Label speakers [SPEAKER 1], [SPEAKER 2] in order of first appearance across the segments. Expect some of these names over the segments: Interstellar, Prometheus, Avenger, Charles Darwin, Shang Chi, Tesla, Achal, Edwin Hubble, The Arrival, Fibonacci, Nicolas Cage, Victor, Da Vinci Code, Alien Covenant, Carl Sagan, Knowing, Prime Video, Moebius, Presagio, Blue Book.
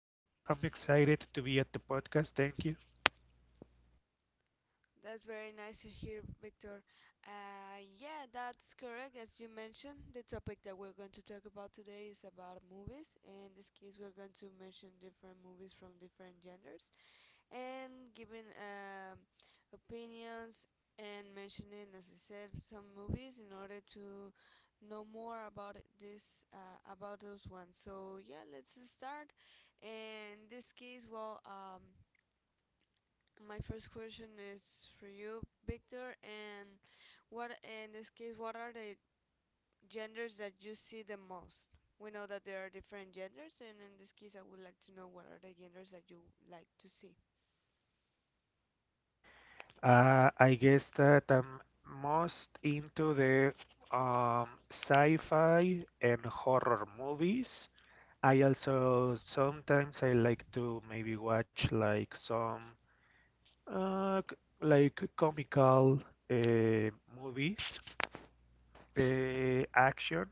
[SPEAKER 1] So yeah, I'm excited to be at the podcast. Thank you.
[SPEAKER 2] That's very nice to hear, Victor. Yeah, that's correct. As you mentioned, the topic that we're going to talk about today is about movies. In this case, we're going to mention different movies from different genders. And giving opinions and mentioning, as I said, some movies in order to know more about this about those ones. So yeah, let's start. In this case, my first question is for you, Victor, and what in this case, what are the genders that you see the most? We know that there are different genders, and in this case, I would like to know what are the genders that you like to see.
[SPEAKER 1] I guess that I'm most into the sci-fi and horror movies. I also sometimes I like to maybe watch like some. Uh, c- like comical uh, movies, action,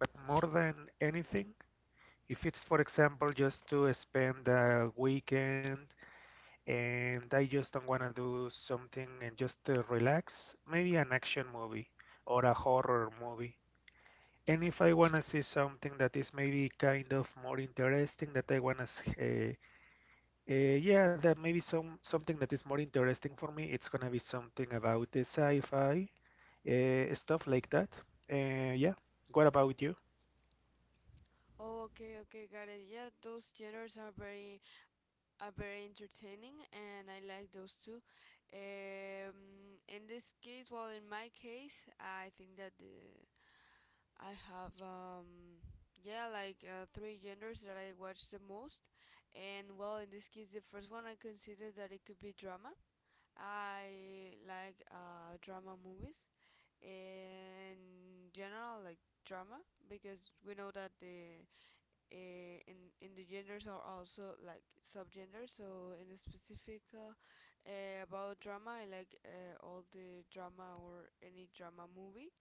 [SPEAKER 1] but more than anything, if it's, for example, just to spend a weekend and I just don't want to do something and just relax, maybe an action movie or a horror movie. And if I want to see something that is maybe kind of more interesting that I want to yeah, that maybe something that is more interesting for me. It's gonna be something about the sci-fi stuff like that. Yeah. What about you?
[SPEAKER 2] Oh, okay, okay, got it. Yeah, those genres are very entertaining, and I like those too. In this case, well, in my case, I think that I have yeah, like three genres that I watch the most, and well, in this case, the first one I consider that it could be drama. I like drama movies in general, like drama, because we know that in the genders are also like subgenders. So in a specific about drama, I like all the drama or any drama movie.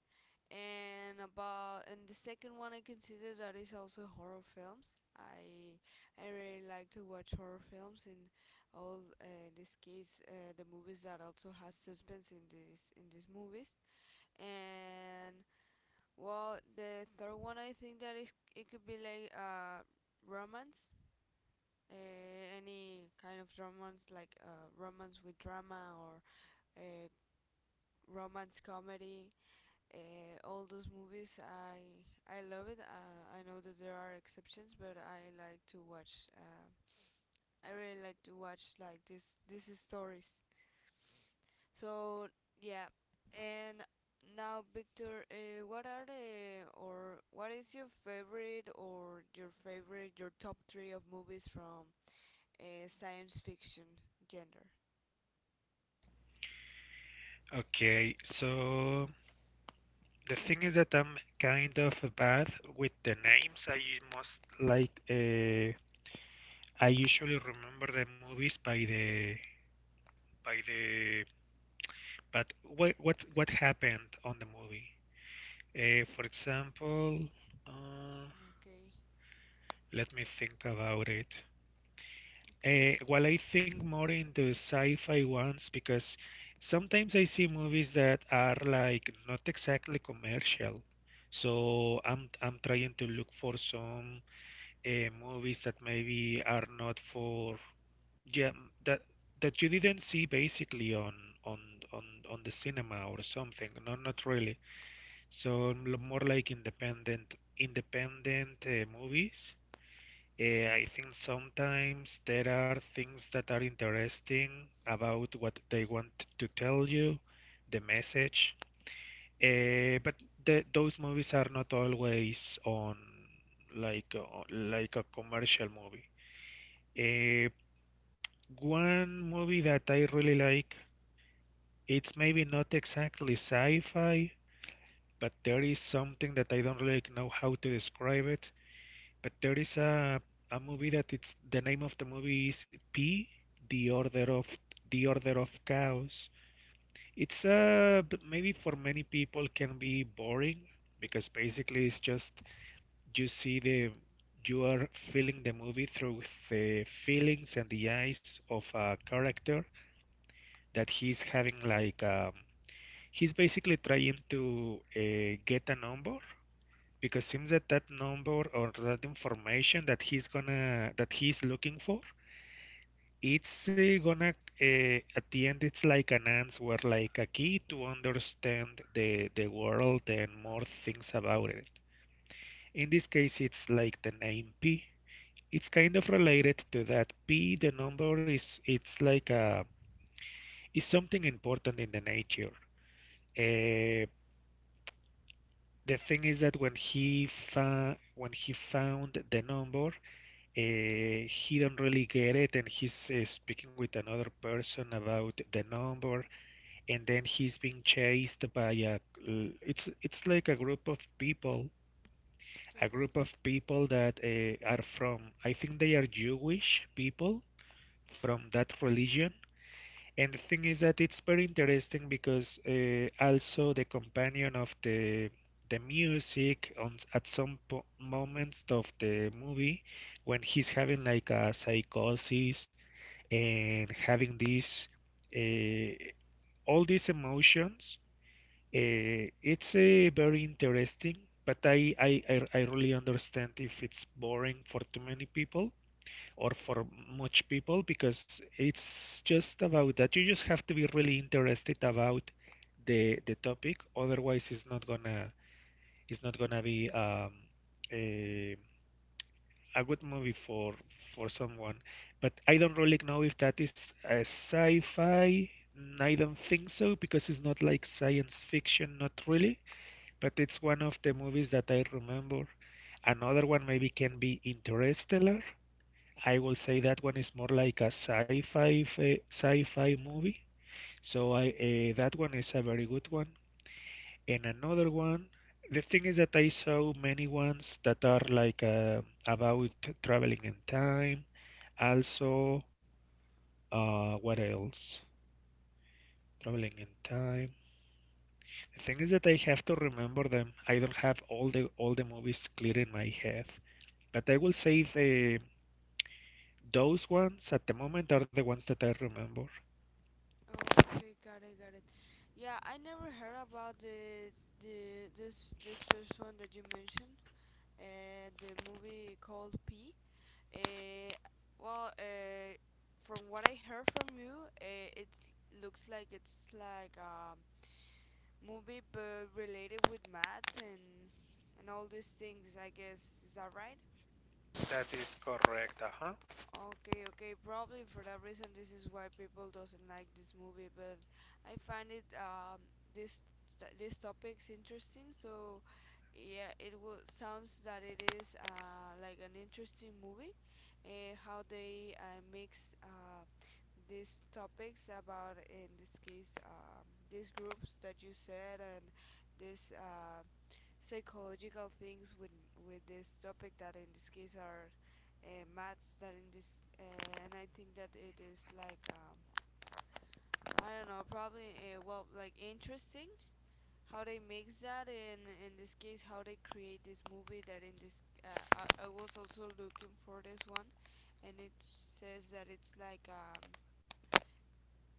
[SPEAKER 2] And about and the second one I consider that is also horror films. I really like to watch horror films and all in this case the movies that also has suspense in this in these movies and well, the third one I think that is it could be like romance, uh, any kind of romance like romance with drama or uh, romance comedy. All those movies I love it. I know that there are exceptions, but I like to watch. I really like to watch like this these stories. So yeah, and now Victor, what are the or what is your favorite or your top three of movies from science fiction genre?
[SPEAKER 1] Okay, so the thing is that I'm kind of bad with the names. I u- most like I usually remember the movies by the by the but what happened on the movie? Uh, for example, uh,
[SPEAKER 2] Okay,
[SPEAKER 1] Let me think about it.
[SPEAKER 2] okay,
[SPEAKER 1] Well, I think more into sci-fi ones because sometimes I see movies that are like not exactly commercial. So I'm trying to look for some movies that maybe are not for yeah that that you didn't see basically on on on the cinema or something. No, not really. So more like independent movies. I think sometimes there are things that are interesting about what they want to tell you, the message. Eh, but those movies are not always on like a commercial movie. Eh, One movie that I really like, it's maybe not exactly sci-fi, but there is something that I don't really know how to describe it. But there is a movie that it's the name of the movie is P, The Order of The Order of Chaos. It's maybe for many people can be boring because basically it's just you see the you are feeling the movie through the feelings and the eyes of a character that he's having like he's basically trying to get a number because seems that that number or that information that he's gonna that he's looking for it's gonna at the end it's like an answer, like a key to understand the world and more things about it. In this case, it's like the name P, it's kind of related to that. P, the number, is it's like a is something important in the nature. uh, the thing is that when when he found the number, he don't really get it, and he's speaking with another person about the number, and then he's being chased by a. It's like a group of people, a group
[SPEAKER 2] okay.
[SPEAKER 1] of people that are from, I think they are Jewish people from that religion, and the thing is that it's very interesting because also the companion of the music on at some po moments of the movie when he's having like a psychosis and having these uh, all these emotions, it's very interesting. But I really understand if it's boring for too many people or for much people because it's just about that. You just have to be really interested about the topic. Otherwise, it's not gonna be a, a good movie for someone. But I don't really know if that is a sci-fi. Mm, I don't think so because it's not like science fiction, not really. But it's one of the movies that I remember. Another one maybe can be Interstellar. I will say that one is more like a sci-fi movie. So I that one is a very good one. And another one, the thing is that I saw many ones that are like about traveling in time. Also, what else? Traveling in time. The thing is that I have to remember them. I don't have all the movies clear in my head, but I will say the those ones at the moment are the ones that I remember.
[SPEAKER 2] Oh, okay, got it, got it. Yeah, I never heard about the this this first one that you mentioned. The movie called P. Uh, well, uh, from what I heard from you, it looks like it's like a movie but related with math and all these things, I guess. Is that right?
[SPEAKER 1] That is correct, uh-huh.
[SPEAKER 2] Okay, okay. Probably for that reason, this is why people doesn't like this movie. But I find it this this topic's interesting. So yeah, it will sounds that it is like an interesting movie. How they mix these topics about in this case these groups that you said and this psychological things with this topic that in this case are maths that in this and I think that it is like I don't know probably well like interesting how they mix that and in this case how they create this movie that in this I was also looking for this one and it says that it's like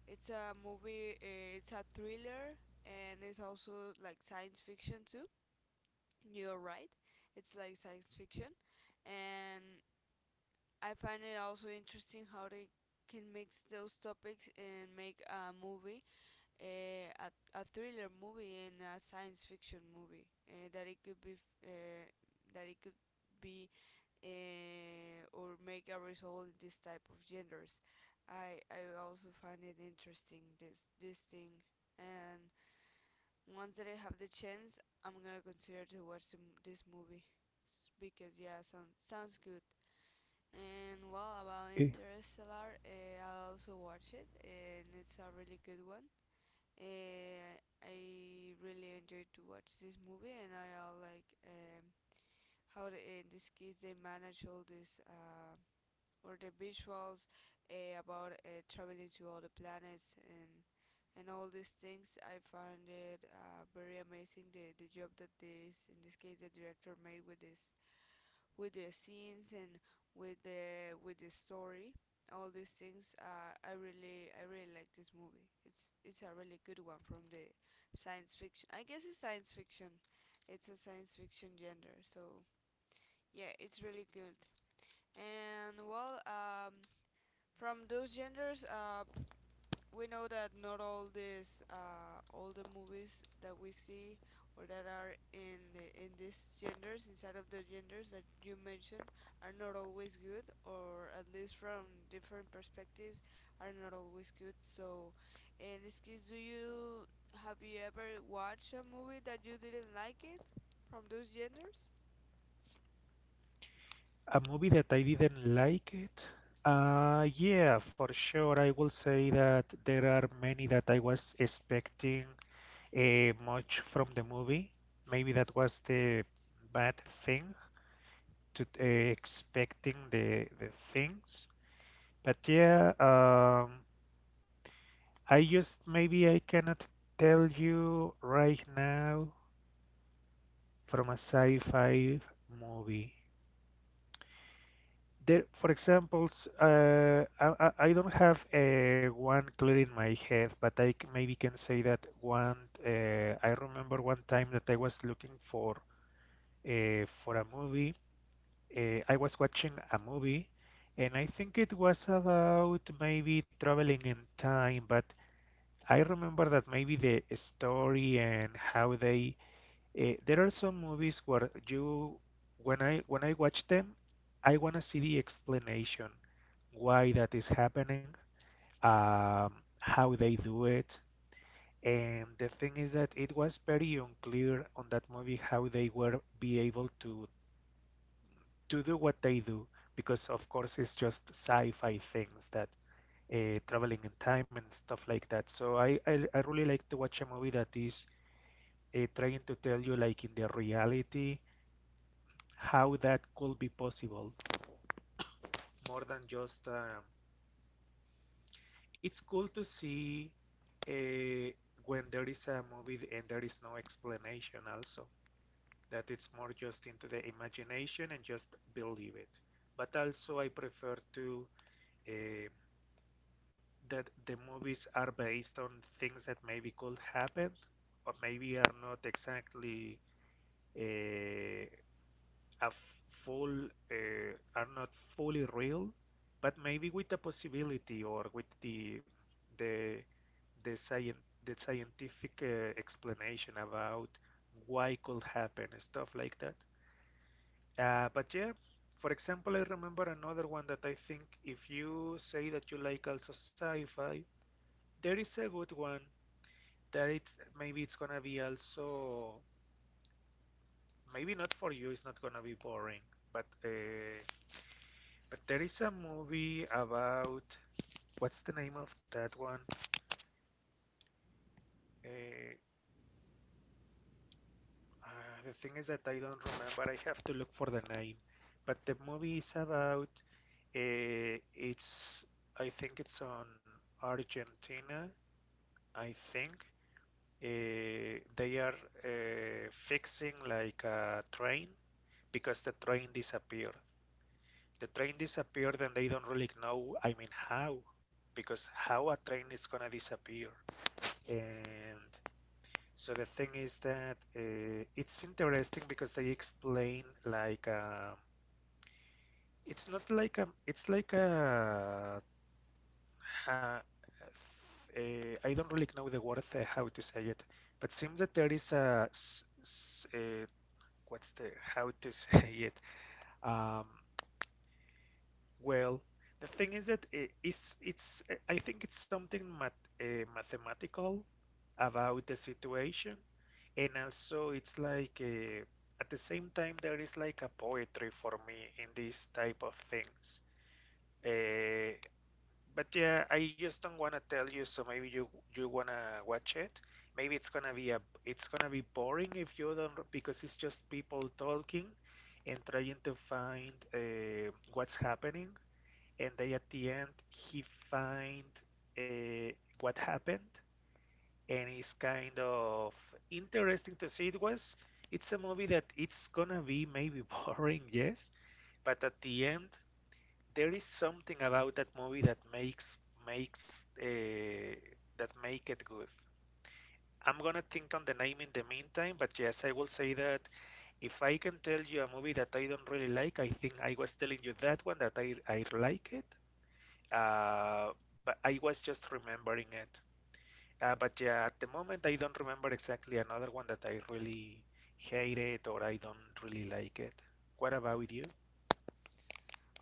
[SPEAKER 2] it's a thriller and it's also like science fiction too. You're right. It's like science fiction, and I find it also interesting how they can mix those topics and make a movie, a thriller movie and a science fiction movie. That it could be, or make a result in this type of genders. I also find it interesting this thing, and once that I have the chance, I'm gonna consider to watch this movie because yeah, sounds sounds good. And well, about
[SPEAKER 1] Eh,
[SPEAKER 2] Interstellar, I also watch it, and it's a really good one. Uh, I really enjoyed to watch this movie, and I all like how in this case they manage all this or the visuals about traveling to all the planets and all these things. I found it very amazing the job that this in this case the director made with this with the scenes and with the story. All these things. I really like this movie. It's a really good one from the science fiction. I guess it's science fiction. It's a science fiction genre. So yeah, it's really good. And well, from those genders, we know that not all these all the movies that we see or that are in these genders inside of the genders that you mentioned are not always good or at least from different perspectives are not always good, so in this case, do you have you ever watched a movie that you didn't like it from those genders?
[SPEAKER 1] A movie that I didn't like it. Yeah, for sure. I will say that there are many that I was expecting much from the movie. Maybe that was the bad thing to expecting the things. But yeah, I just maybe I cannot tell you right now from a sci-fi movie. There, for examples, I don't have one clear in my head, but maybe can say that one. I remember one time that I was looking for a movie. I was watching a movie, and I think it was about maybe traveling in time. But I remember that maybe the story and how they there are some movies where you, when I watch them, I wanna see the explanation why that is happening, um, how they do it, and the thing is that it was very unclear on that movie how they were be able to do what they do because of course it's just sci-fi things that traveling in time and stuff like that. So I really like to watch a movie that is trying to tell you like in the reality how that could be possible more than just it's cool to see uh, when there is a movie and there is no explanation also that it's more just into the imagination and just believe it, but also I prefer to uh, that the movies are based on things that maybe could happen or maybe are not exactly uh, a full are not fully real, but maybe with the possibility or with the the scien the scientific explanation about why could happen stuff like that. But yeah, for example, I remember another one that I think if you say that you like also sci-fi, there is a good one that it's maybe it's gonna be also maybe not for you, it's not gonna be boring, but uh, But there is a movie about what's the name of that one? Uh, the thing is that I don't remember. I have to look for the name. But the movie is about it's I think it's on Argentina. I think they are fixing like a train because the train disappeared. The train disappeared and they don't really know. I mean how because how a train is gonna disappear. And so the thing is that it's interesting because they explain like it's not like a it's like a, ha- I don't really know the word how to say it, but seems that there is a what's the how to say it? Um, well, the thing is that it's I think it's something math mathematical about the situation, and also it's like at the same time there is like a poetry for me in these type of things. uh, but yeah, I just don't want to tell you so maybe you you want to watch it. Maybe it's gonna be a it's gonna be boring if you don't because it's just people talking and trying to find what's happening, and they at the end he find uh, what happened, and it's kind of interesting to see. It was it's a movie that it's gonna be maybe boring, yes, but at the end there is something about that movie that makes makes that make it good. I'm gonna think on the name in the meantime, but yes, I will say that if I can tell you a movie that I don't really like, I think I was telling you that one that I like it, uh, but I was just remembering it. But yeah, at the moment, I don't remember exactly another one that I really hated or I don't really like it. What about you?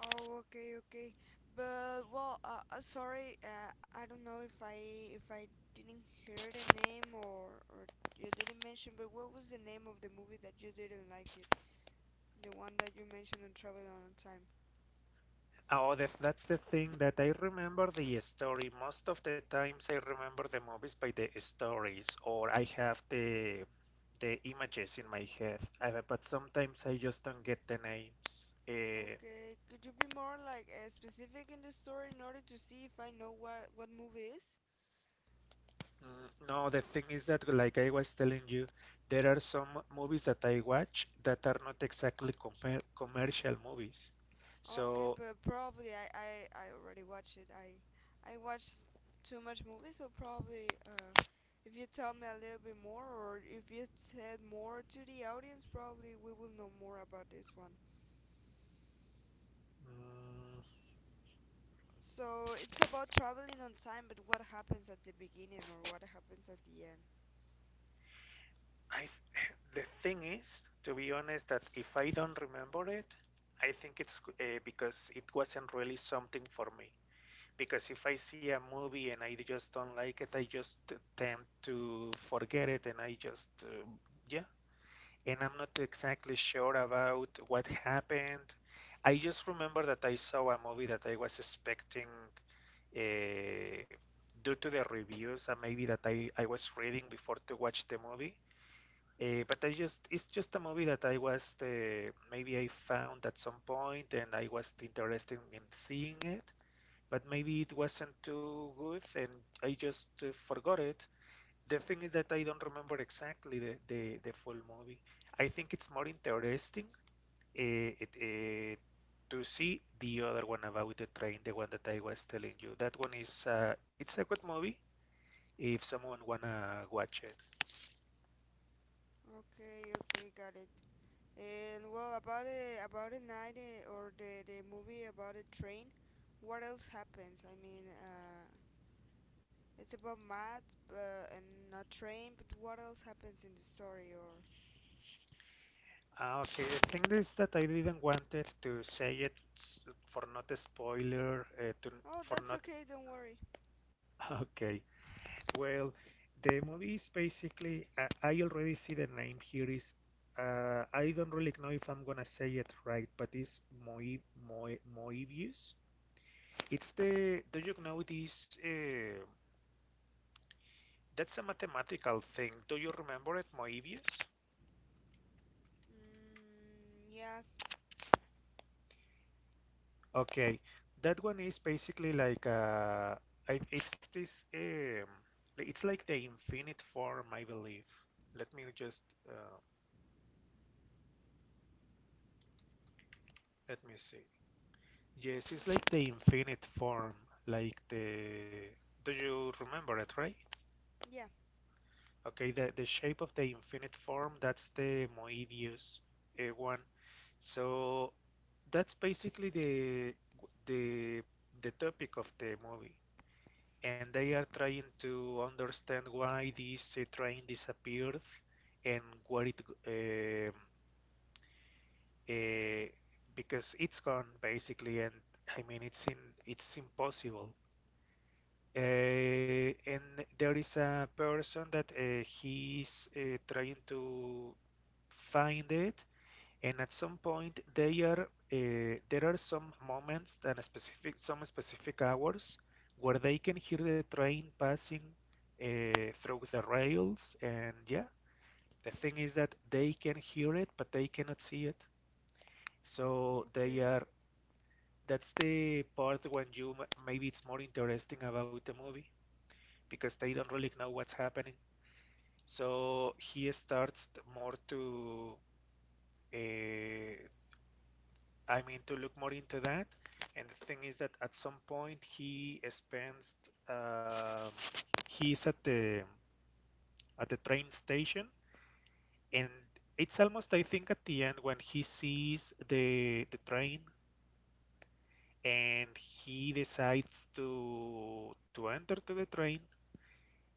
[SPEAKER 2] Oh, okay, okay. But sorry, I don't know if I didn't hear the name or you didn't mention. But what was the name of the movie that you didn't like it? The one that you mentioned on Travel on Time.
[SPEAKER 1] Oh, the, that's the thing that I remember the story. Most of the times, I remember the movies by the stories, or I have the images in my head. I, but sometimes I just don't get the names.
[SPEAKER 2] Okay, could you be more like specific in the story in order to see if I know what movie is?
[SPEAKER 1] Mm, no, the thing is that, like I was telling you, there are some movies that I watch that are not exactly commercial movies.
[SPEAKER 2] Okay,
[SPEAKER 1] So,
[SPEAKER 2] but probably I already watched it. I watched too much movies, so probably if you tell me a little bit more, or if you said more to the audience, probably we will know more about this one.
[SPEAKER 1] mm,
[SPEAKER 2] So it's about traveling on time, but what happens at the beginning or what happens at the end?
[SPEAKER 1] I the thing is, to be honest, that if I don't remember it, I think it's because it wasn't really something for me. Because if I see a movie and I just don't like it, I just tend to forget it, and yeah, I'm not exactly sure about what happened. I just remember that I saw a movie that I was expecting uh, due to the reviews and maybe that I was reading before to watch the movie. But I just it's just a movie that I was maybe I found at some point and I was interested in seeing it, but maybe it wasn't too good and I just forgot it. The thing is that I don't remember exactly the full movie. I think it's more interesting eh, it, eh, to see the other one about the train, the one that I was telling you. That one is it's a good movie if someone wanna watch it.
[SPEAKER 2] Okay, okay, got it. And well, about it, about a or the movie about a train, what else happens? It's about math, but, and a train, but what else happens in the story or?
[SPEAKER 1] Ah, okay, the thing is that I didn't wanted to say for not a spoiler, to
[SPEAKER 2] Oh,
[SPEAKER 1] for
[SPEAKER 2] that's
[SPEAKER 1] not.
[SPEAKER 2] okay, don't worry.
[SPEAKER 1] Okay, well, the movie is basically, I already see the name here is, I don't really know if I'm gonna say it right, but it's Moi, Moebius. It's the, do you know this, that's a mathematical thing. Do you remember it, Moebius?
[SPEAKER 2] Mm, yeah,
[SPEAKER 1] Okay, that one is basically like, it's this, it's like the infinite form, I believe. Let me just, uh, let me see. Yes,
[SPEAKER 2] okay.
[SPEAKER 1] it's like the infinite form, like the. Do you remember it, right?
[SPEAKER 2] Yeah,
[SPEAKER 1] Okay, the shape of the infinite form, that's the Moebius one. So that's basically the the topic of the movie, and they are trying to understand why this train disappeared and what it um uh, because it's gone basically, and I mean it's impossible. And there is a person that he's trying to find it, and at some point they are there are some moments and specific hours where they can hear the train passing through the rails, and yeah, the thing is that they can hear it, but they cannot see it. So they
[SPEAKER 2] okay.
[SPEAKER 1] are that's the part when you maybe it's more interesting about the movie because they don't really know what's happening. So he starts more to, uh, I mean, to look more into that. And the thing is that at some point um, he's at the train station, and it's almost I think at the end when he sees the train and he decides to enter to the train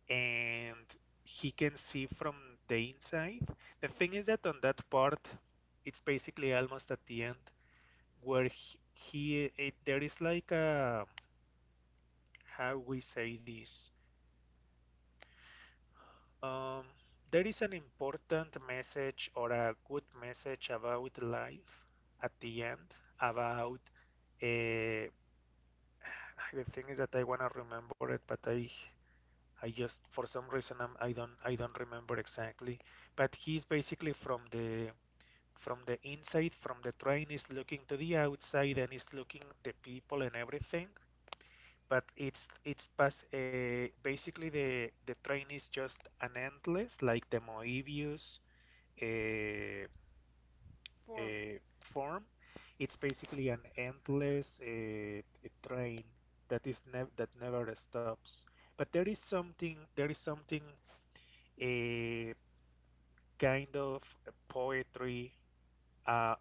[SPEAKER 1] and he can see from the inside. The thing is that on that part, it's basically almost at the end where there is like a how we say this. Um, there is an important message or a good message about life at the end about uh, the thing is that I wanna remember it, but I just for some reason I don't remember exactly, but he's basically from the inside from the train is looking to the outside and is looking the people and everything. But it's past basically the train is just an endless like the Moebius uh,
[SPEAKER 2] Form.
[SPEAKER 1] uh, form. It's basically an endless train that is nev that never stops. But there is something a kind of poetry. Uh,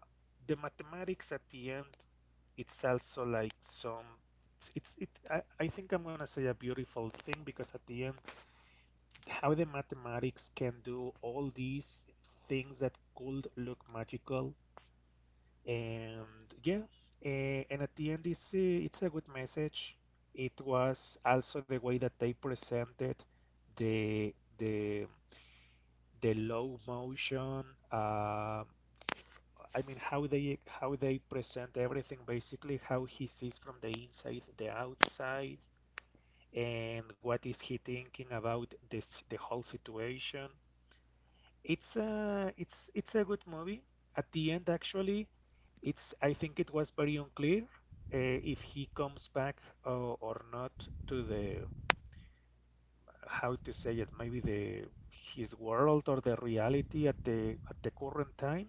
[SPEAKER 1] the mathematics at the end, it's also like some. It's, it. I think I'm gonna say a beautiful thing because at the end, how the mathematics can do all these things that could look magical, and yeah, and at the end, it's a good message. It was also the way that they presented the the the low motion um, I mean how they present everything basically how he sees from the inside the outside and what is he thinking about this the whole situation it's a good movie at the end actually it's I think it was very unclear uh, if he comes back uh, or not to the how to say it maybe the his world or the reality at the current time.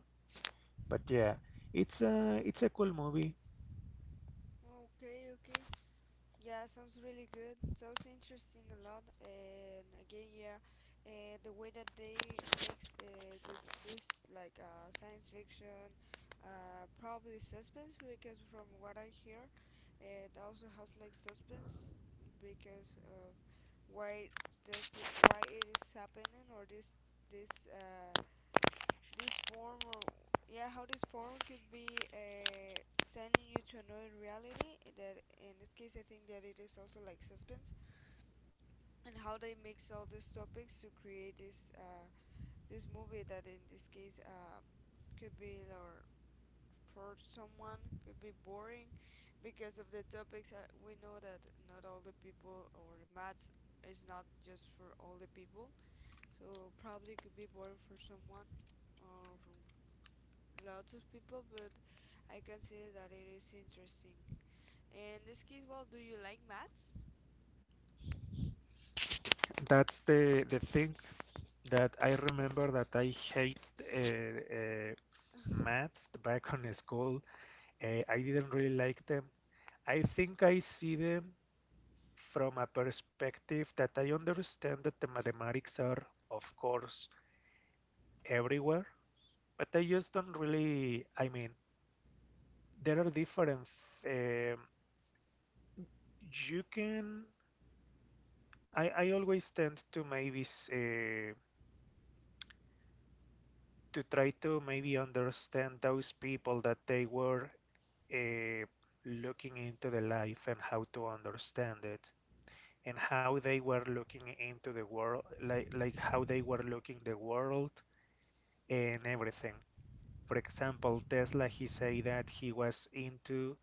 [SPEAKER 1] But yeah, it's a cool movie.
[SPEAKER 2] Okay, okay. Yeah, sounds really good. Sounds interesting a lot. And again, yeah, the way that they makes the, this like science fiction, probably suspense because from what I hear, it also has like suspense because of why does it why it is happening or this this form or yeah how this form could be sending you to another reality that in this case I think that it is also like suspense, and how they mix all these topics to create this this movie that in this case could be or for someone could be boring because of the topics. Uh, we know that not all the people or maths is not just for all the people, so probably could be boring for someone or for lots of people, but I consider that it is interesting. In this case, well, do you like maths?
[SPEAKER 1] That's the thing that I remember that I hate maths back on school. I didn't really like them. I think I see them from a perspective that I understand that the mathematics are, of course, everywhere, but I just don't really. I mean, there are different. Um, you can. I always tend to maybe to try to maybe understand those people that they were uh, looking into the life and how to understand it and how they were looking into the world like how they were looking the world and everything. For example, Tesla, he say that he was into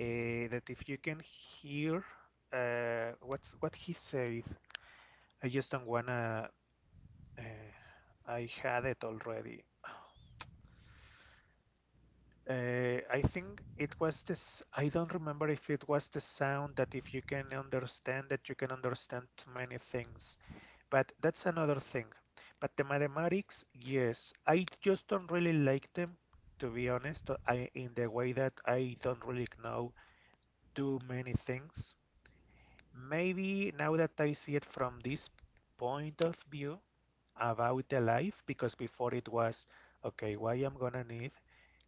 [SPEAKER 1] that if you can hear what's what he said I just don't wanna uh, I had it already I think it was this. I don't remember if it was the sound that if you can understand that you can understand many things. But that's another thing. But the mathematics, yes, I just don't really like them, to be honest. I in the way that I don't really know do many things. Maybe now that I see it from this point of view about the life, because before it was, okay, why I'm gonna need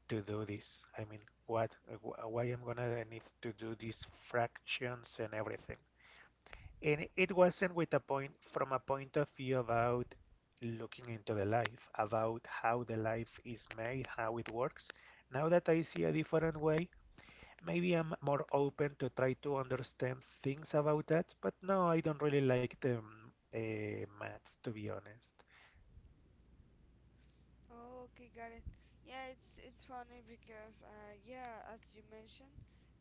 [SPEAKER 1] to do this. I mean, what, why I'm gonna need to do these fractions and everything. And it wasn't with a point from a point of view about looking into the life, about how the life is made, how it works. Now that I see a different way, maybe I'm more open to try to understand things about that. But no, I don't really like the maths, to be honest.
[SPEAKER 2] Oh, okay, got it. Yeah, it's funny because yeah, as you mentioned,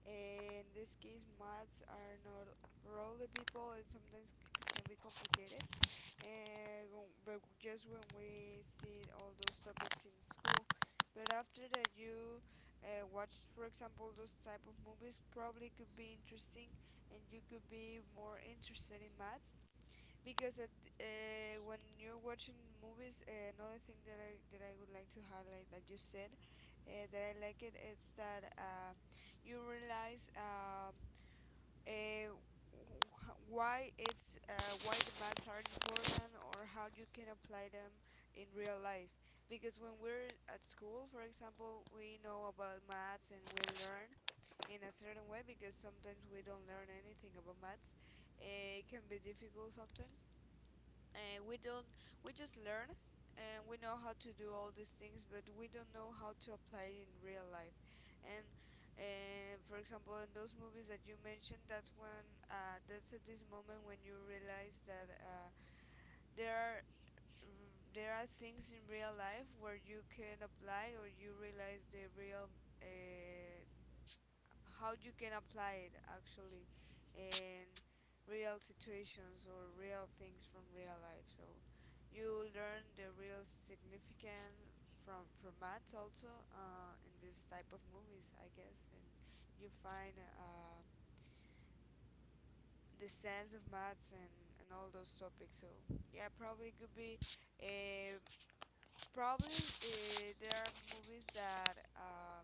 [SPEAKER 2] in this case, maths are not for all the people and sometimes can be complicated. And but just when we see all those topics in school, but after that you watch for example those type of movies probably could be interesting and you could be more interested in math because when you're watching movies another thing that that I would like to highlight that you said that I like it is that you realize uh, why it's why the maths are important or how you can apply them in real life, because when we're at school for example we know about maths and we learn in a certain way because sometimes we don't learn anything about maths. Eh, it can be difficult sometimes. Uh, we don't we just learn and we know how to do all these things but we don't know how to apply it in real life. And for example in those movies that you mentioned that's when that's at this moment when you realize that there are there are things in real life where you can apply or you realize the real uh, how you can apply it actually in real situations or real things from real life, so you learn the real significance from maths also in this type of movies I guess, and you find the sense of maths and all those topics. So yeah probably could be a probably there are movies that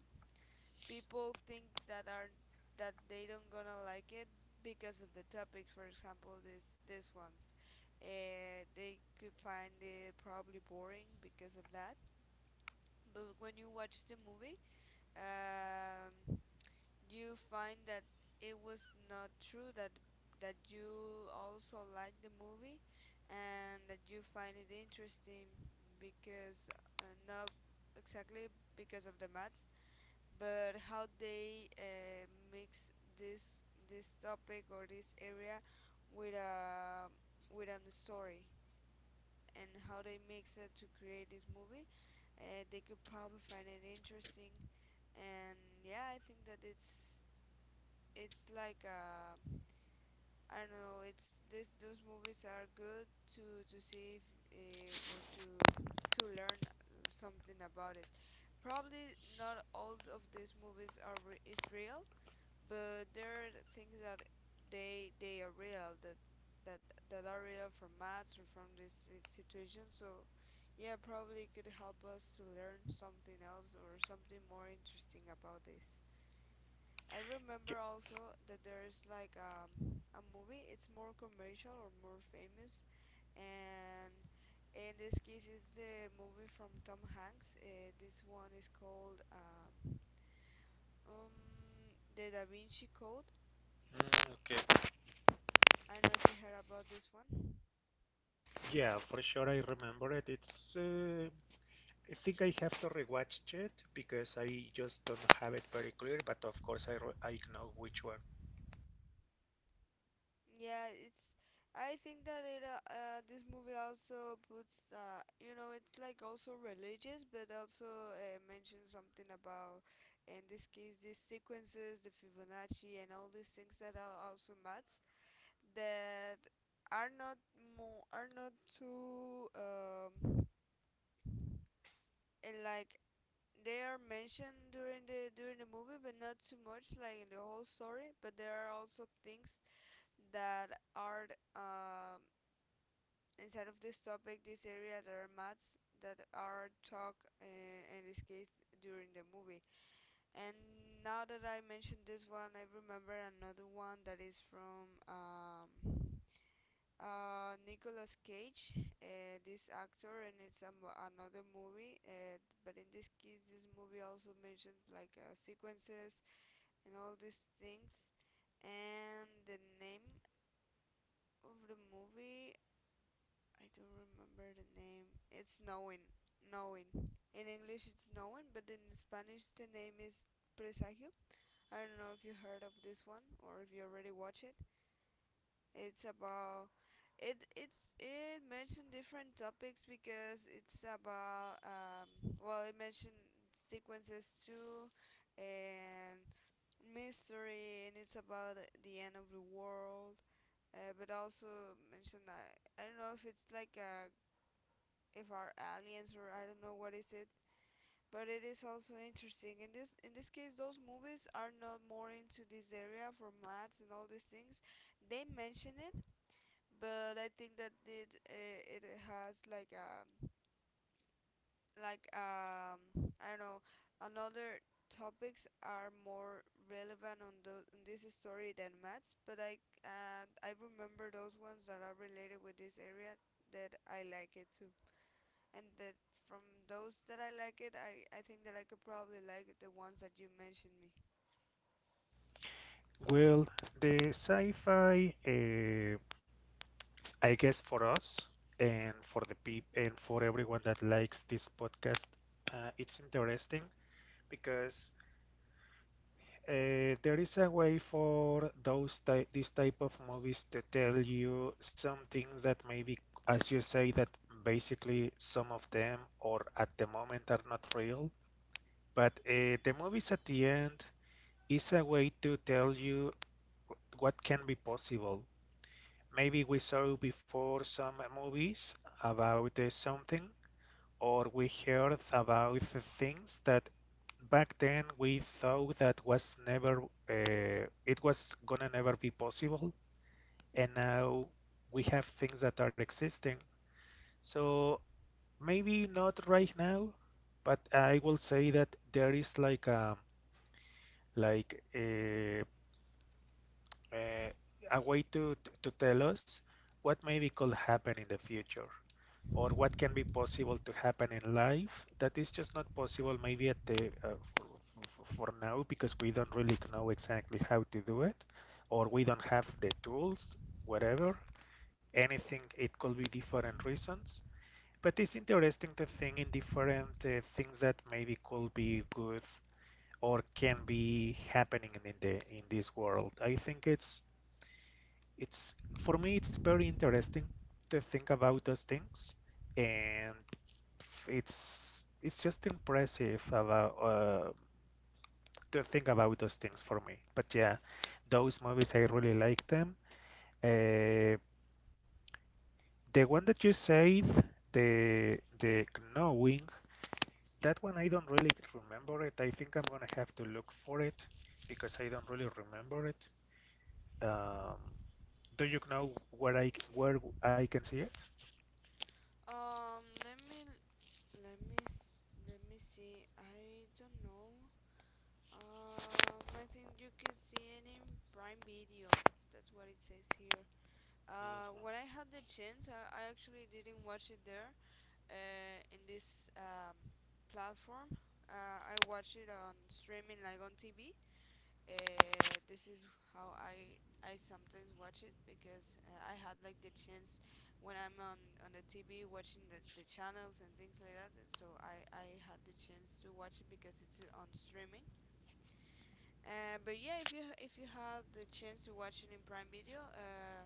[SPEAKER 2] people think that are that they don't gonna like it because of the topics. For example, this ones, they could find it probably boring because of that. But when you watch the movie, um, you find that it was not true that you also like the movie and that you find it interesting because not exactly because of the maths but how they mix this this topic or this area with a story and how they mix it to create this movie. Uh, they could probably find it interesting. And yeah, I think that it's like a, I don't know, it's this those movies are good to see if, or to learn something about it. Probably not all of these movies are is real, but there are things that they are real, that that are real from maths or from this situation. So yeah, probably could help us to learn something else or something more interesting about this. I
[SPEAKER 1] Ju-
[SPEAKER 2] remember also that there is like a movie, it's more commercial or more famous, and in this case it's the movie from Tom Hanks. This one is called, um, the Da Vinci Code.
[SPEAKER 1] Mm, okay.
[SPEAKER 2] I don't know if you heard about this one.
[SPEAKER 1] Yeah, for sure I remember it. It's I think I have to rewatch it because I just don't have it very clear, but of course I know which one.
[SPEAKER 2] Yeah, it's. I think that it this movie also puts, you know, it's like also religious, but also mentions something about, in this case, these sequences, the Fibonacci and all these things that are also maths, that are not, more are not too um, and like, they are mentioned during the movie, but not too much like in the whole story. But there are also things that are um, inside of this topic, this area, there are maths that are talk, in this case, during the movie. And now that I mentioned this one, I remember another one that is from Nicolas Cage, this actor. And it's another movie. But in this case, this movie also mentions like sequences and all these things. And the name of the movie, I don't remember the name. It's Knowing. Knowing. In English it's Knowing, but in Spanish the name is Presagio. I don't know if you heard of this one or if you already watched it. It's about it mentioned different topics, because it's about well it mentioned sequences too, and mystery, and it's about the end of the world. Uh, but also mentioned, I don't know if it's like a, if are aliens, or I don't know what is it. But it is also interesting. In this case, those movies are not more into this area for maths and all these things. They mention it, but I think that it it has like um, like um, I don't know, another topics are more relevant on the in this story than maths. But I remember those ones that are related with this area, that I like it too. And that from, those that I like it, I think that I could probably like the ones that you mentioned me.
[SPEAKER 1] Well, the sci-fi, I guess for us and for the peop and for everyone that likes this podcast, it's interesting because there is a way for those type this type of movies to tell you something that maybe, as you say, that basically some of them or at the moment are not real. But the movies at the end is a way to tell you what can be possible. Maybe we saw before some movies about something, or we heard about things that back then we thought that was never, it was gonna never be possible, and now we have things that are existing. So maybe not right now, but I will say that there is like like a uh, a way to tell us what maybe could happen in the future or what can be possible to happen in life that is just not possible maybe at the for now because we don't really know exactly how to do it or we don't have the tools, whatever, anything, it could be different reasons. But it's interesting to think in different things that maybe could be good or can be happening in the in this world. I think it's for me it's very interesting to think about those things, and it's just impressive about to think about those things for me. But yeah, those movies I really like them. uh, the one that you said, the knowing, that one I don't really remember it. I think I'm gonna have to look for it because I don't really remember it. um, do you know where I can see it?
[SPEAKER 2] Let me let me let me see. I don't know. I think you can see it in Prime Video. That's what it says here.
[SPEAKER 1] Mhm.
[SPEAKER 2] When I had the chance, I actually didn't watch it there. In this um, platform, I watched it on streaming, like on TV. Uh, this is how I sometimes watch it, because I had like the chance when I'm on the TV watching the channels and things like that. And So I had the chance to watch it because it's on streaming. But yeah, if you had the chance to watch it in Prime Video,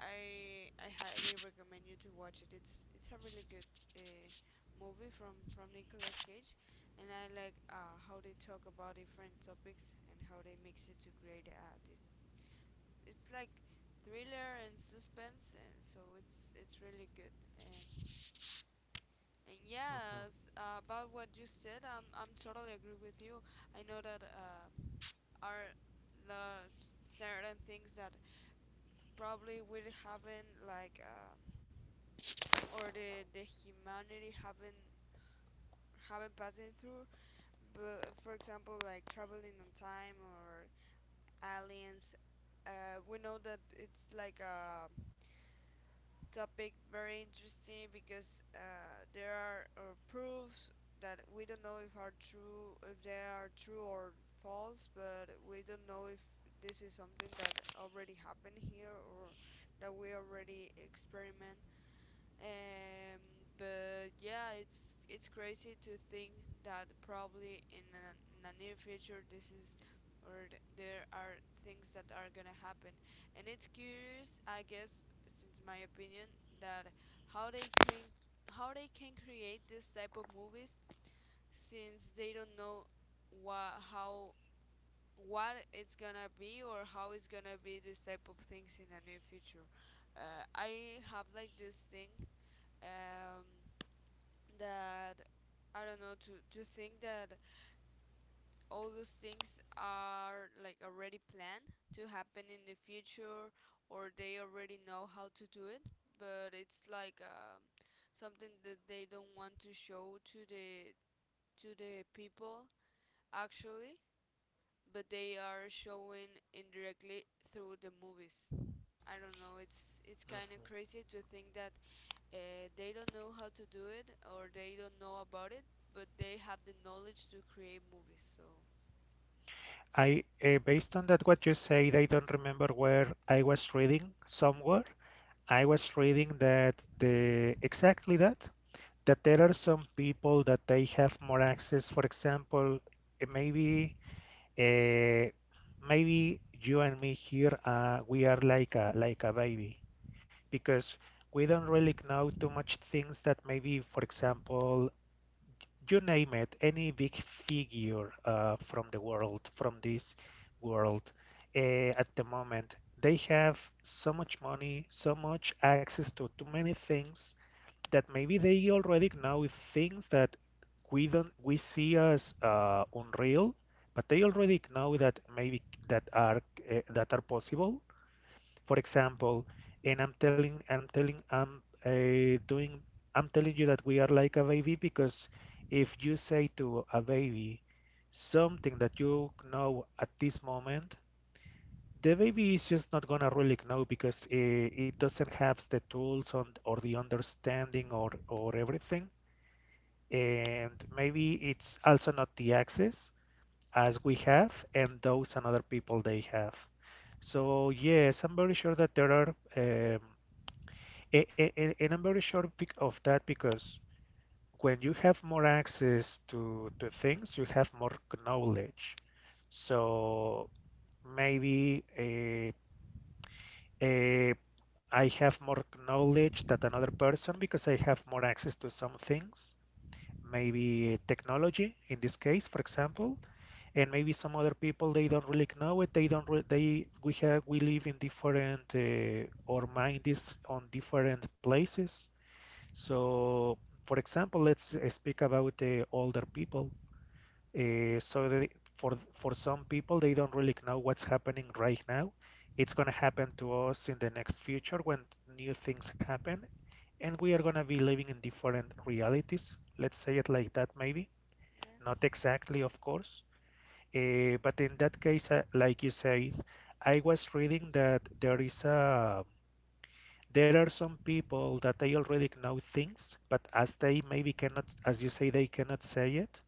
[SPEAKER 2] I highly recommend you to watch it. It's a really good uh, movie from Nicolas Cage. And I like how they talk about different topics and how they mix it to create this. It's like thriller and suspense, and so it's really good. And
[SPEAKER 1] Mhm,
[SPEAKER 2] yes, about what you said, I'm totally agree with you. I know that are the certain things that probably we haven't like. Or the humanity haven't passing through, but for example like traveling on time or aliens, we know that it's like a topic very interesting, because there are proofs that we don't know if are true, if they are true or false, but we don't know if this is something that already happened here, or that we already experiment. Um, but yeah, it's crazy to think that probably in a near future this is, or there are things that are gonna happen. And it's curious, I guess, since my opinion, that how they can how they can create this type of movies, since they don't know what how, what it's gonna be or how it's gonna be this type of things in the near future. I have like this thing, um, that I don't know, to think that all those things are like already planned to happen in the future, or they already know how to do it, but it's like something that they don't want to show to the people actually, but they are showing indirectly through the movies. I don't know. It's kind of
[SPEAKER 1] mhm.
[SPEAKER 2] crazy to think that they don't know how to do it, or they don't know about it, but they have the knowledge to create movies. So
[SPEAKER 1] I, based on that, what you said, I don't remember where I was reading somewhere. I was reading that the exactly that there are some people that they have more access. For example, eh, maybe uh, maybe you and me here, we are like a baby because we don't really know too much things that maybe, for example, you name it, any big figure from the world, from this world, uh, at the moment, they have so much money, so much access to too many things, that maybe they already know things that we don't we see as unreal, but they already know that maybe that are that are possible. For example, and I'm telling you that we are like a baby because if you say to a baby something that you know at this moment, the baby is just not gonna really know because it doesn't have the tools on, or the understanding, or everything. And maybe it's also not the access as we have and those and other people they have. So yes, I'm very sure that there are um, a- a- and I'm very sure bec- of that because when you have more access to things, you have more knowledge. So maybe eh, I have more knowledge than another person because I have more access to some things, maybe technology in this case, for example, and maybe some other people they don't really know it. They don't re they we have we live in different our mind is on different places. So, for example, let's speak about the older people. So they, for some people, they don't really know what's happening right now. It's going to happen to us in the next future when new things happen, and we are going to be living in different realities. Let's say it like that, maybe.
[SPEAKER 2] yeah,
[SPEAKER 1] Not exactly, of course. But in that case, like you said, I was reading that there is a there are some people that they already know things, but as they maybe cannot, as you say, they cannot say it.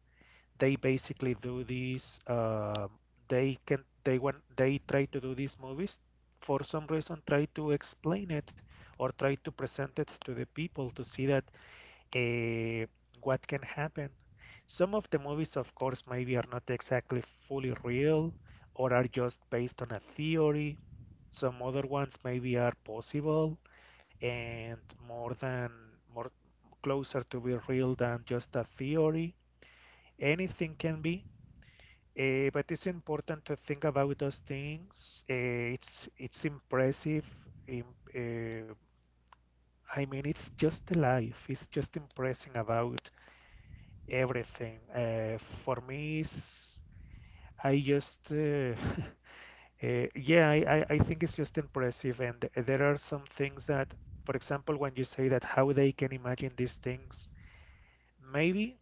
[SPEAKER 1] They basically do these. They can. They want. They try to do these movies. For some reason, try to explain it or try to present it to the people to see that eh, what can happen. Some of the movies, of course, maybe are not exactly fully real or are just based on a theory. Some other ones maybe are possible and more than more closer to be real than just a theory. Anything can be. But it's important to think about those things. It's it's impressive. im- eh, I mean, it's just life. It's just impressing about everything. For me, it's- I just Yeah, I I think it's just impressive, and there are some things that, for example, when you say that how they can imagine these things, maybe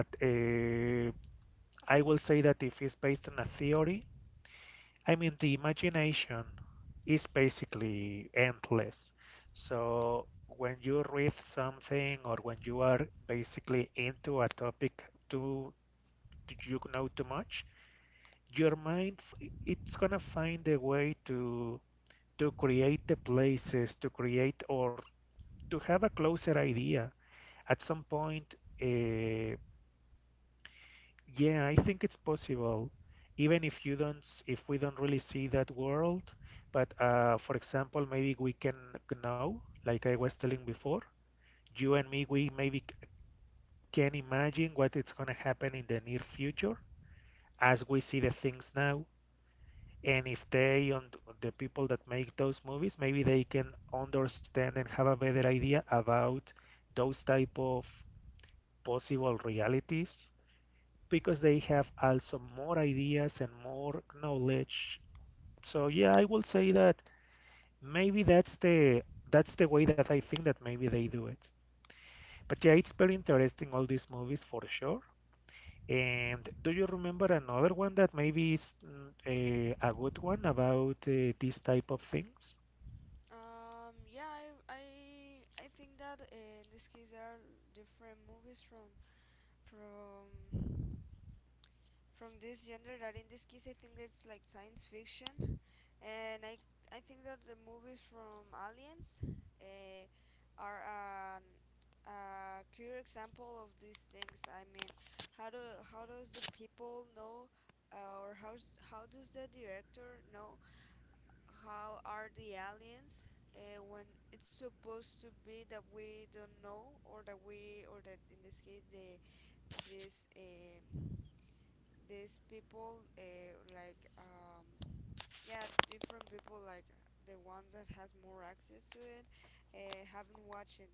[SPEAKER 1] at I will say that if it's based on a theory, I mean the imagination is basically endless. So when you read something or when you are basically into a topic too, you know too much your mind, it's gonna find a way to create the places to create or to have a closer idea at some point uh, yeah, I think it's possible even if you don't s- if we don't really see that world, but for example, maybe we can know, like I was telling before, you and me, we maybe can imagine what it's going to happen in the near future as we see the things now, and if they and the people that make those movies, maybe they can understand and have a better idea about those type of possible realities because they have also more ideas and more knowledge. So yeah, I will say that maybe that's the way that I think that maybe they do it. But yeah, it's very interesting all these movies for sure. And do you remember another one that maybe is a good one about these type of things?
[SPEAKER 2] yeah, I think that in this case there are different movies from from this genre that in this case I think that's like science fiction. And I think that the movies from Aliens uh, are a clear example of these things. I mean, how do how does the people know, or how does the director know how are the aliens, when it's supposed to be that we don't know, or that we, or that in this case the, this um, these people like yeah, different people, like the ones that has more access to it, haven't watched it,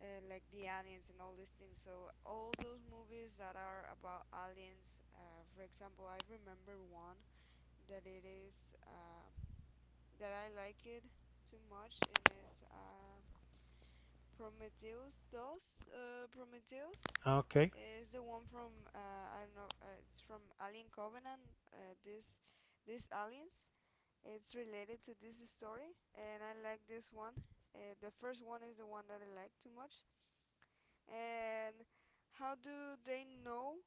[SPEAKER 2] like the aliens and all these things. So all those movies that are about aliens, for example, I remember one that it is that I like it too much, and it's Prometheus. Those Prometheus.
[SPEAKER 1] Ah, okay.
[SPEAKER 2] It's the one from I don't know. It's from Alien Covenant. This these aliens. It's related to this story, and I like this one. The first one is the one that I like too much. And how do they know,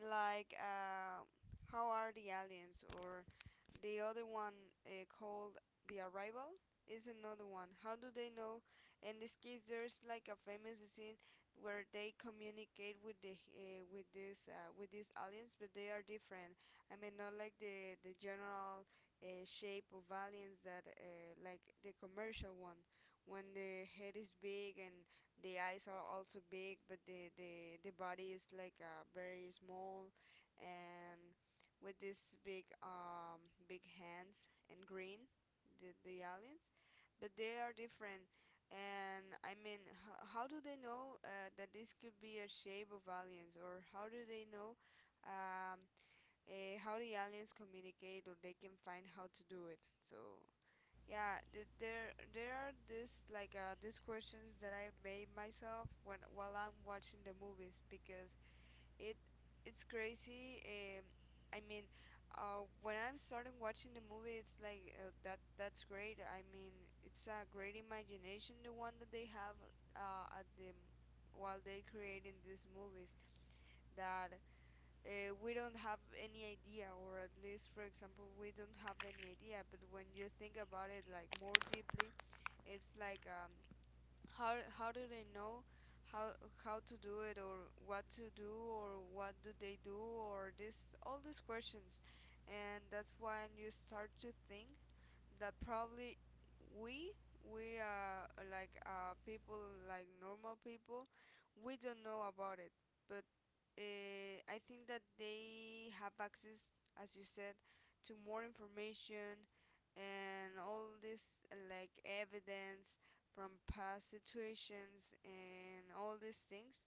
[SPEAKER 2] like, how are the aliens, or the other one called The Arrival is another one. How do they know? In this case, there's like a famous scene where they communicate with the with this with these aliens, but they are different. I mean, not like the general shape of aliens that like the commercial one, when the head is big and the eyes are also big, but the the body is like very small, and with these big um, big hands and green, the aliens, but they are different. And I mean, how do they know that this could be a shape of aliens, or how do they know, um, eh, how the aliens communicate, or they can find how to do it. So yeah, there are this like these questions that I made myself when while I'm watching the movies, because it it's crazy. I mean, when I'm starting watching the movie, it's like that that's great. I mean, it's a great imagination the one that they have at the, while they creating these movies, that we don't have any idea, or at least, for example, we don't have any idea. But when you think about it like more deeply, it's like how do they know how to do it, or what to do, or what do they do, or this, all these questions. And that's when you start to think that probably we we are like uh, people, like normal people, we don't know about it, but I think that they have access, as you said, to more information and all this like evidence from past situations and all these things,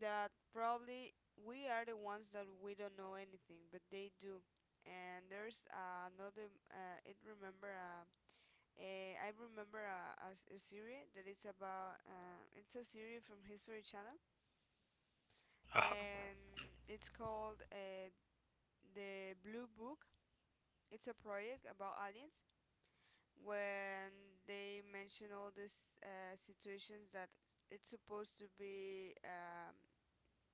[SPEAKER 2] that probably we are the ones that we don't know anything, but they do. And there's another. It remember. Eh, I remember a series that is about. It's a series from History Channel,
[SPEAKER 1] Uh-huh.
[SPEAKER 2] and it's called The Blue Book. It's a project about aliens, when they mention all these situations that it's supposed to be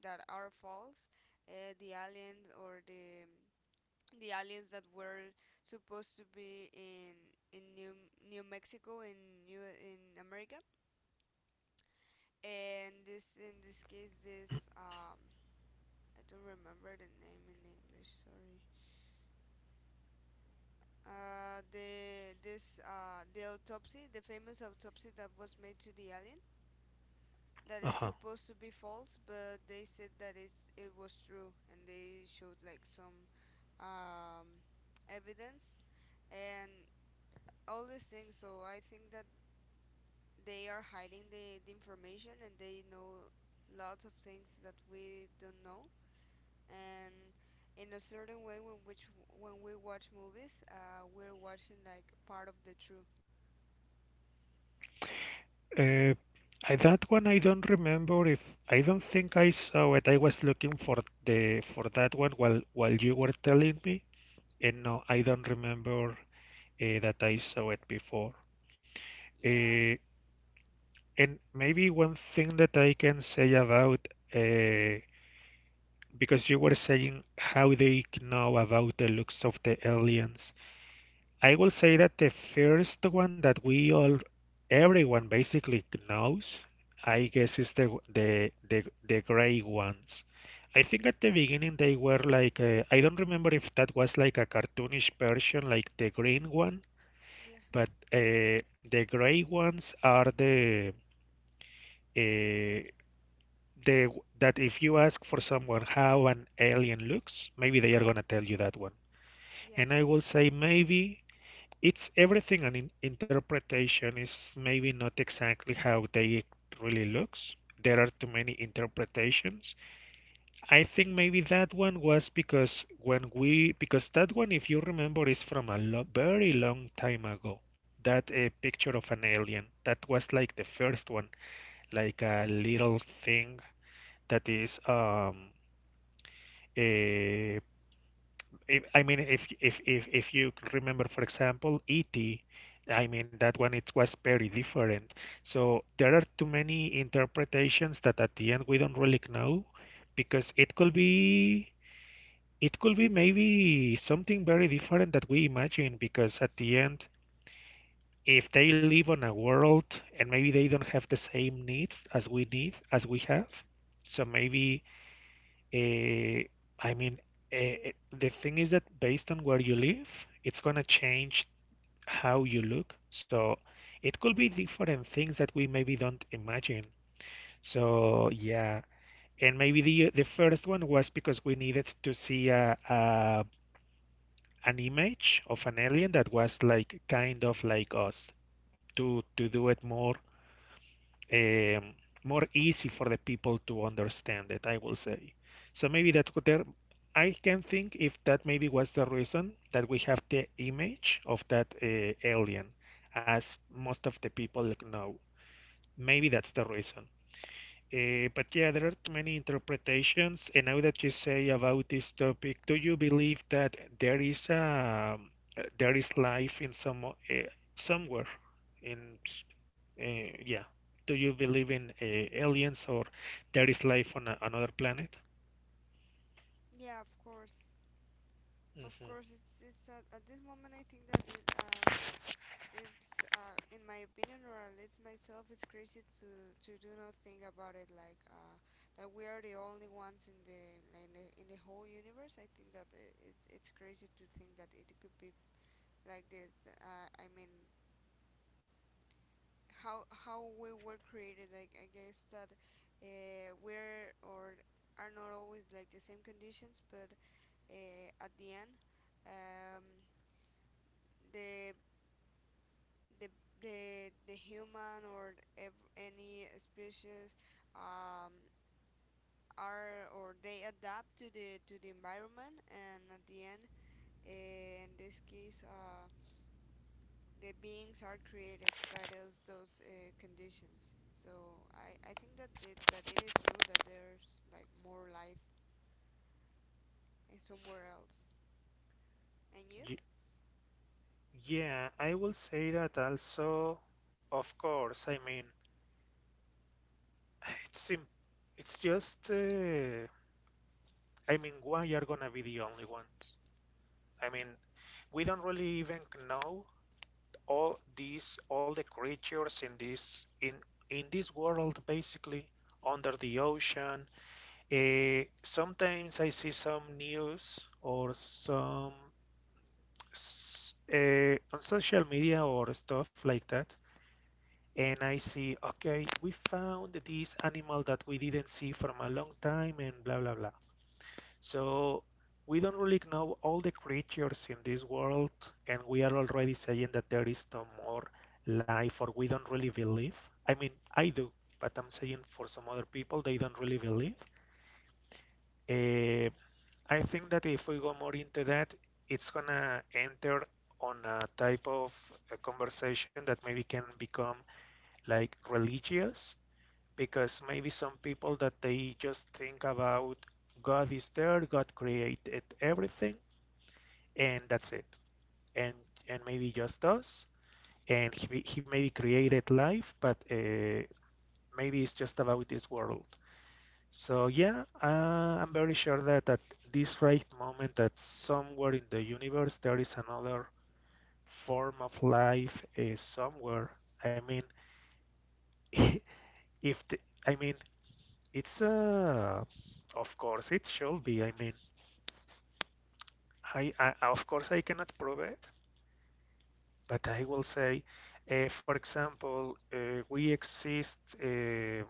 [SPEAKER 2] that are false. The aliens, or the aliens that were supposed to be in New Mexico, in New in America. And this in this case this, I don't remember the name in English. Sorry. The autopsy, the famous autopsy that was made to the alien, that it's
[SPEAKER 1] Uh-huh.
[SPEAKER 2] supposed to be false, but they said that it was true, and they showed like some um, evidence and all these things. So I think that they are hiding the information, and they know lots of things that we don't know, and in a certain way when we watch movies we're watching like part of the truth
[SPEAKER 1] Uh, that one I don't remember if I don't think I saw it. I was looking for the for that one while you were telling me, and no, I don't remember that I saw it before.
[SPEAKER 2] yeah
[SPEAKER 1] Uh, and maybe one thing that I can say about uh, because you were saying how they know about the looks of the aliens. I will say that the first one that we all, everyone basically knows, I guess is the gray ones. I think at the beginning they were like I don't remember if that was like a cartoonish version like the green one,
[SPEAKER 2] yeah
[SPEAKER 1] but the gray ones are the uh, the that if you ask for someone how an alien looks, maybe they are gonna tell you that one.
[SPEAKER 2] Yeah,
[SPEAKER 1] And I will say maybe it's everything and in interpretation is maybe not exactly how they really looks. There are too many interpretations. I think maybe that one was because when we because that one, if you remember, is from a very long time ago, that a picture of an alien that was like the first one, like a little thing that is a. if, I mean, if you remember, for example, E.T., I mean that one it was very different. So there are too many interpretations that at the end we don't really know because it could be maybe something very different that we imagine, because at the end, if they live on a world and maybe they don't have the same needs as we need as we have, so maybe uh, I mean, uh, the thing is that based on where you live, it's gonna change how you look. So it could be different things that we maybe don't imagine. So yeah, and maybe the first one was because we needed to see a an image of an alien that was like kind of like us, to do it more um, more easy for the people to understand it, I will say. So maybe that could there, I can think if that maybe was the reason that we have the image of that alien, as most of the people know. Maybe that's the reason. But yeah, there are many interpretations. And now that you say about this topic, do you believe that there is life in some somewhere? In yeah, do you believe in aliens or there is life on another planet?
[SPEAKER 2] yeah, of course, of
[SPEAKER 1] Hmm.
[SPEAKER 2] course. At this moment I think that it it's in my opinion, or at least myself, it's crazy to do not think about it, like that we are the only ones in the, like in the whole universe. I think that it's crazy to think that it could be like this. I mean, how we were created. Like, I guess that we're or are not always like the same conditions, but at the end, um, the, the the the human or any species um, are, or they adapt to the environment, and at the end, in this case, the beings are created by those conditions. So I think that it is true that there's like more life somewhere else, and you.
[SPEAKER 1] Y yeah, I will say that also. Of course, I mean, it's im- it's just I mean, why are gonna be the only ones? I mean, we don't really even know all these all the creatures in this world basically under the ocean. Sometimes I see some news or some on social media or stuff like that, and I see, okay, we found this animal that we didn't see from a long time, and blah blah blah. So we don't really know all the creatures in this world, and we are already saying that there is no more life, or we don't really believe. I mean, I do, but I'm saying for some other people, they don't really believe. Eh, I think that if we go more into that, it's gonna enter on a type of a conversation that maybe can become like religious, because maybe some people that they just think about God is there, God created everything, and that's it. And and maybe just us. And he maybe created life, but maybe it's just about this world. So yeah, I'm very sure that at this right moment, that somewhere in the universe there is another form of life somewhere. I mean, if the, I mean it's of course it should be. I mean, I, of course I cannot prove it. But I will say, for example, we exist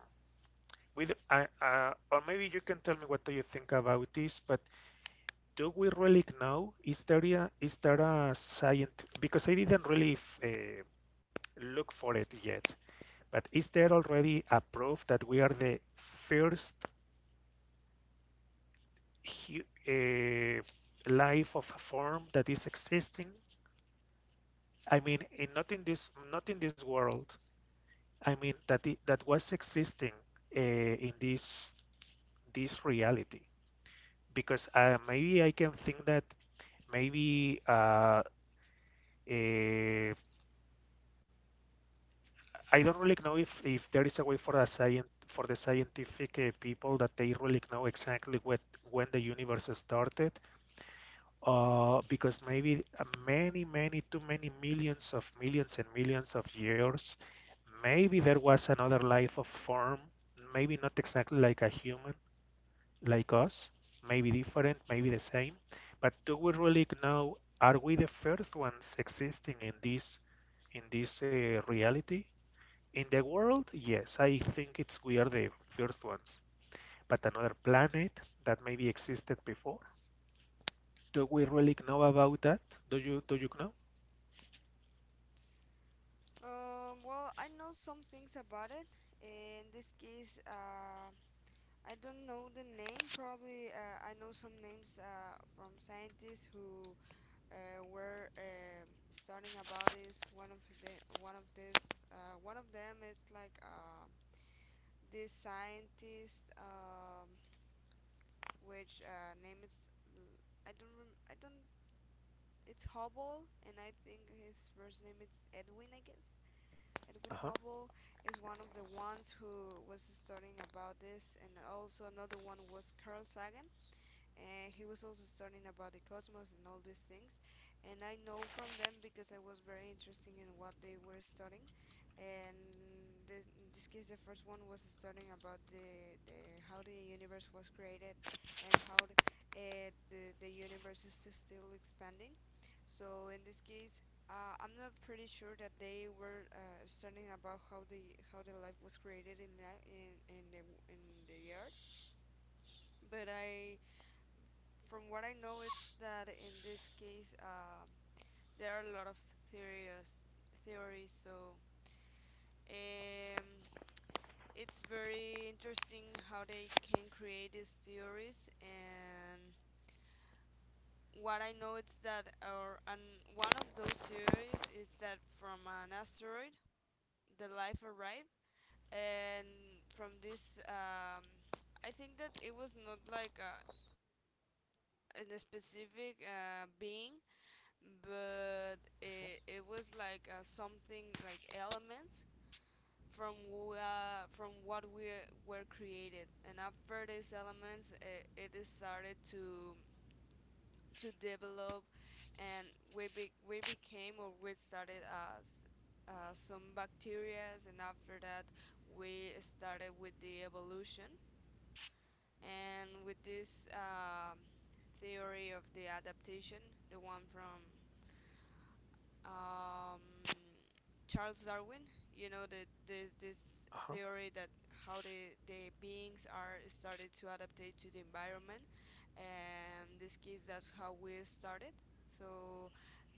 [SPEAKER 1] with, I or maybe you can tell me what do you think about this, but do we really know? Is there is there a science? Because I didn't really look for it yet, but is there already a proof that we are the first hu uh, life of a form that is existing? I mean, in, not in this world, I mean that it, that was existing in this this reality, because maybe I can think that maybe uh, I don't really know if there is a way for a scient for the scientific people that they really know exactly what when the universe started because maybe many many too many millions of millions and millions of years maybe there was another life of form, maybe not exactly like a human like us, maybe different, maybe the same, but do we really know? Are we the first ones existing in this reality? In the world, yes, I think it's we are the first ones. But another planet that maybe existed before, do we really know about that? Do you know?
[SPEAKER 2] Well, I know some things about it. In this case, I don't know the name. Probably, I know some names from scientists who were studying about this. One of the one of this one of them is like this scientist, which name is l- I don't rem- I don't. It's Hubble, and I think his first name is Edwin, I guess. Edwin
[SPEAKER 1] Uh-huh,
[SPEAKER 2] Hubble is one of the ones who was studying about this, and also another one was Carl Sagan, and he was also studying about the cosmos and all these things. And I know from them because I was very interested in what they were studying. And in this case, the first one was studying about the how the universe was created, and how the universe is still expanding. So in this case, I'm not pretty sure that they were studying about how the life was created in the earth, but I from what I know, it's that in this case, there are a lot of theories, theories. So, um, it's very interesting how they can create these theories. And what I know is that one of those theories is that from an asteroid, the life arrived, and from this, I think that it was not like a specific being, but it was like something like elements from from what we were created. And after these elements it started to develop, and we became, or we started as some bacteria. And after that, we started with the evolution, and with this theory of the adaptation, the one from um, Charles Darwin. You know the this this
[SPEAKER 1] uh-huh.
[SPEAKER 2] theory that how the beings are started to adaptate to the environment, and this case, that's how we started. So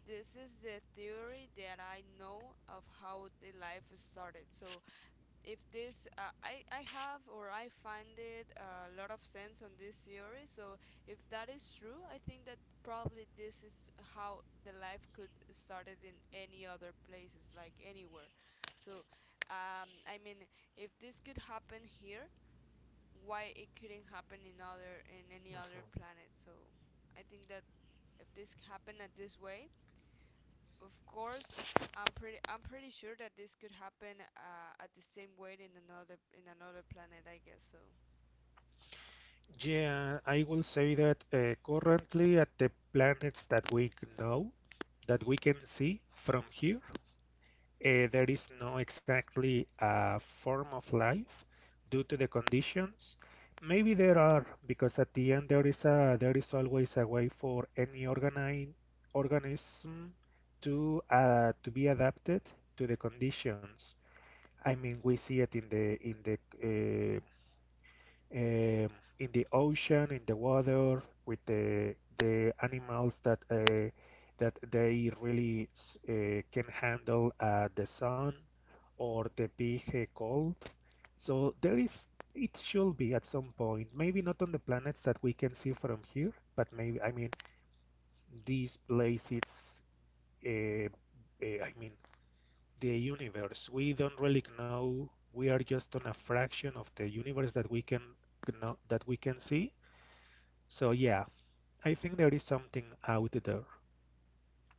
[SPEAKER 2] this is the theory that I know of how the life started. So if this I have or I find it a lot of sense on this theory. So if that is true, I think that probably this is how the life could started in any other places, like anywhere. So I mean, if this could happen here, why it couldn't happen in other, in any
[SPEAKER 1] Mhm.
[SPEAKER 2] other planet? So I think that if this happened at this way, of course, I'm pretty sure that this could happen at the same way in another, in another planet, I guess so.
[SPEAKER 1] Yeah, I will say that currently at the planets that we know, that we can see from here, there is no exactly a form of life due to the conditions. Maybe there are, because at the end there is a there is always a way for any organism to be adapted to the conditions. I mean, we see it in the in the um, in the ocean, in the water, with the animals that that they really can handle the sun or the big cold. So there is it should be at some point, maybe not on the planets that we can see from here, but maybe I mean this place it's uh, I mean the universe. We don't really know. We are just on a fraction of the universe that we can know, that we can see. So yeah, I think there is something out there.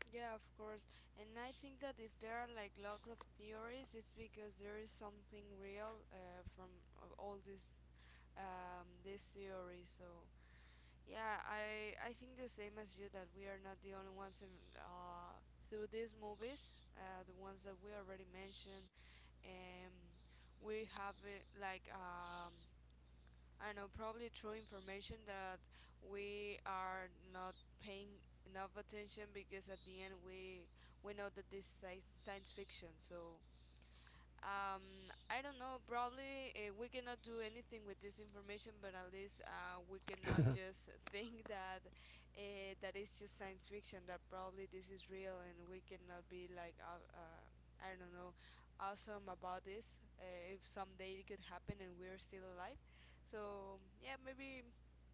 [SPEAKER 2] Yeah, of course. And I think that if there are like lots of theories, it's because there is something real from all this this theory. So yeah, I think the same as you, that we are not the only ones in, through these movies, the ones that we already mentioned, and we have it like I know, probably true information, that we are not paying enough attention, because at the end we know that this is science fiction. So I don't know. Probably we cannot do anything with this information, but at least we cannot just think that that is just science fiction. That probably this is real, and we cannot be like I don't know, awesome about this. If someday it could happen and we're still alive, so yeah, maybe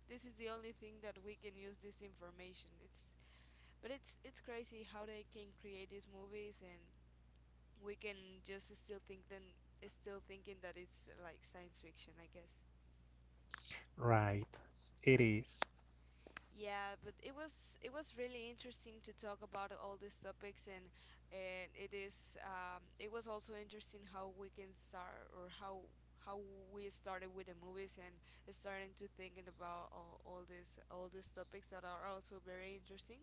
[SPEAKER 2] this is the only thing that we can use this information. It's But it's crazy how they can create these movies, and we can just still think then still thinking that it's like science fiction, I guess.
[SPEAKER 1] Right. It is.
[SPEAKER 2] Yeah, but it was really interesting to talk about all these topics. And it is, it was also interesting how we can start, or how we started with the movies and starting to thinking about all these, all these topics that are also very interesting.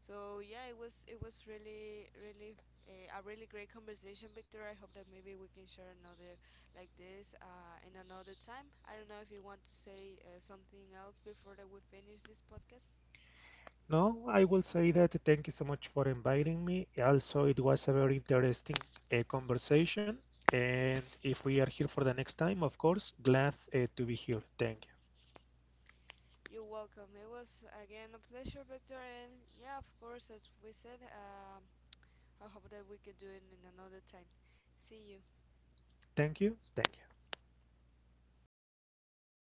[SPEAKER 2] So yeah, it was really really a really great conversation, Victor. I hope that maybe we can share another like this in another time. I don't know if you want to say something else before that we finish this podcast.
[SPEAKER 1] No, I will say that thank you so much for inviting me. Also, it was a very interesting conversation. And if we are here for the next time, of course, glad to be here. Thank you.
[SPEAKER 2] You're welcome. It was again a pleasure, Victor, and yeah, of course, as we said, I hope that we could do it in another time. See you.
[SPEAKER 1] Thank you. Thank you.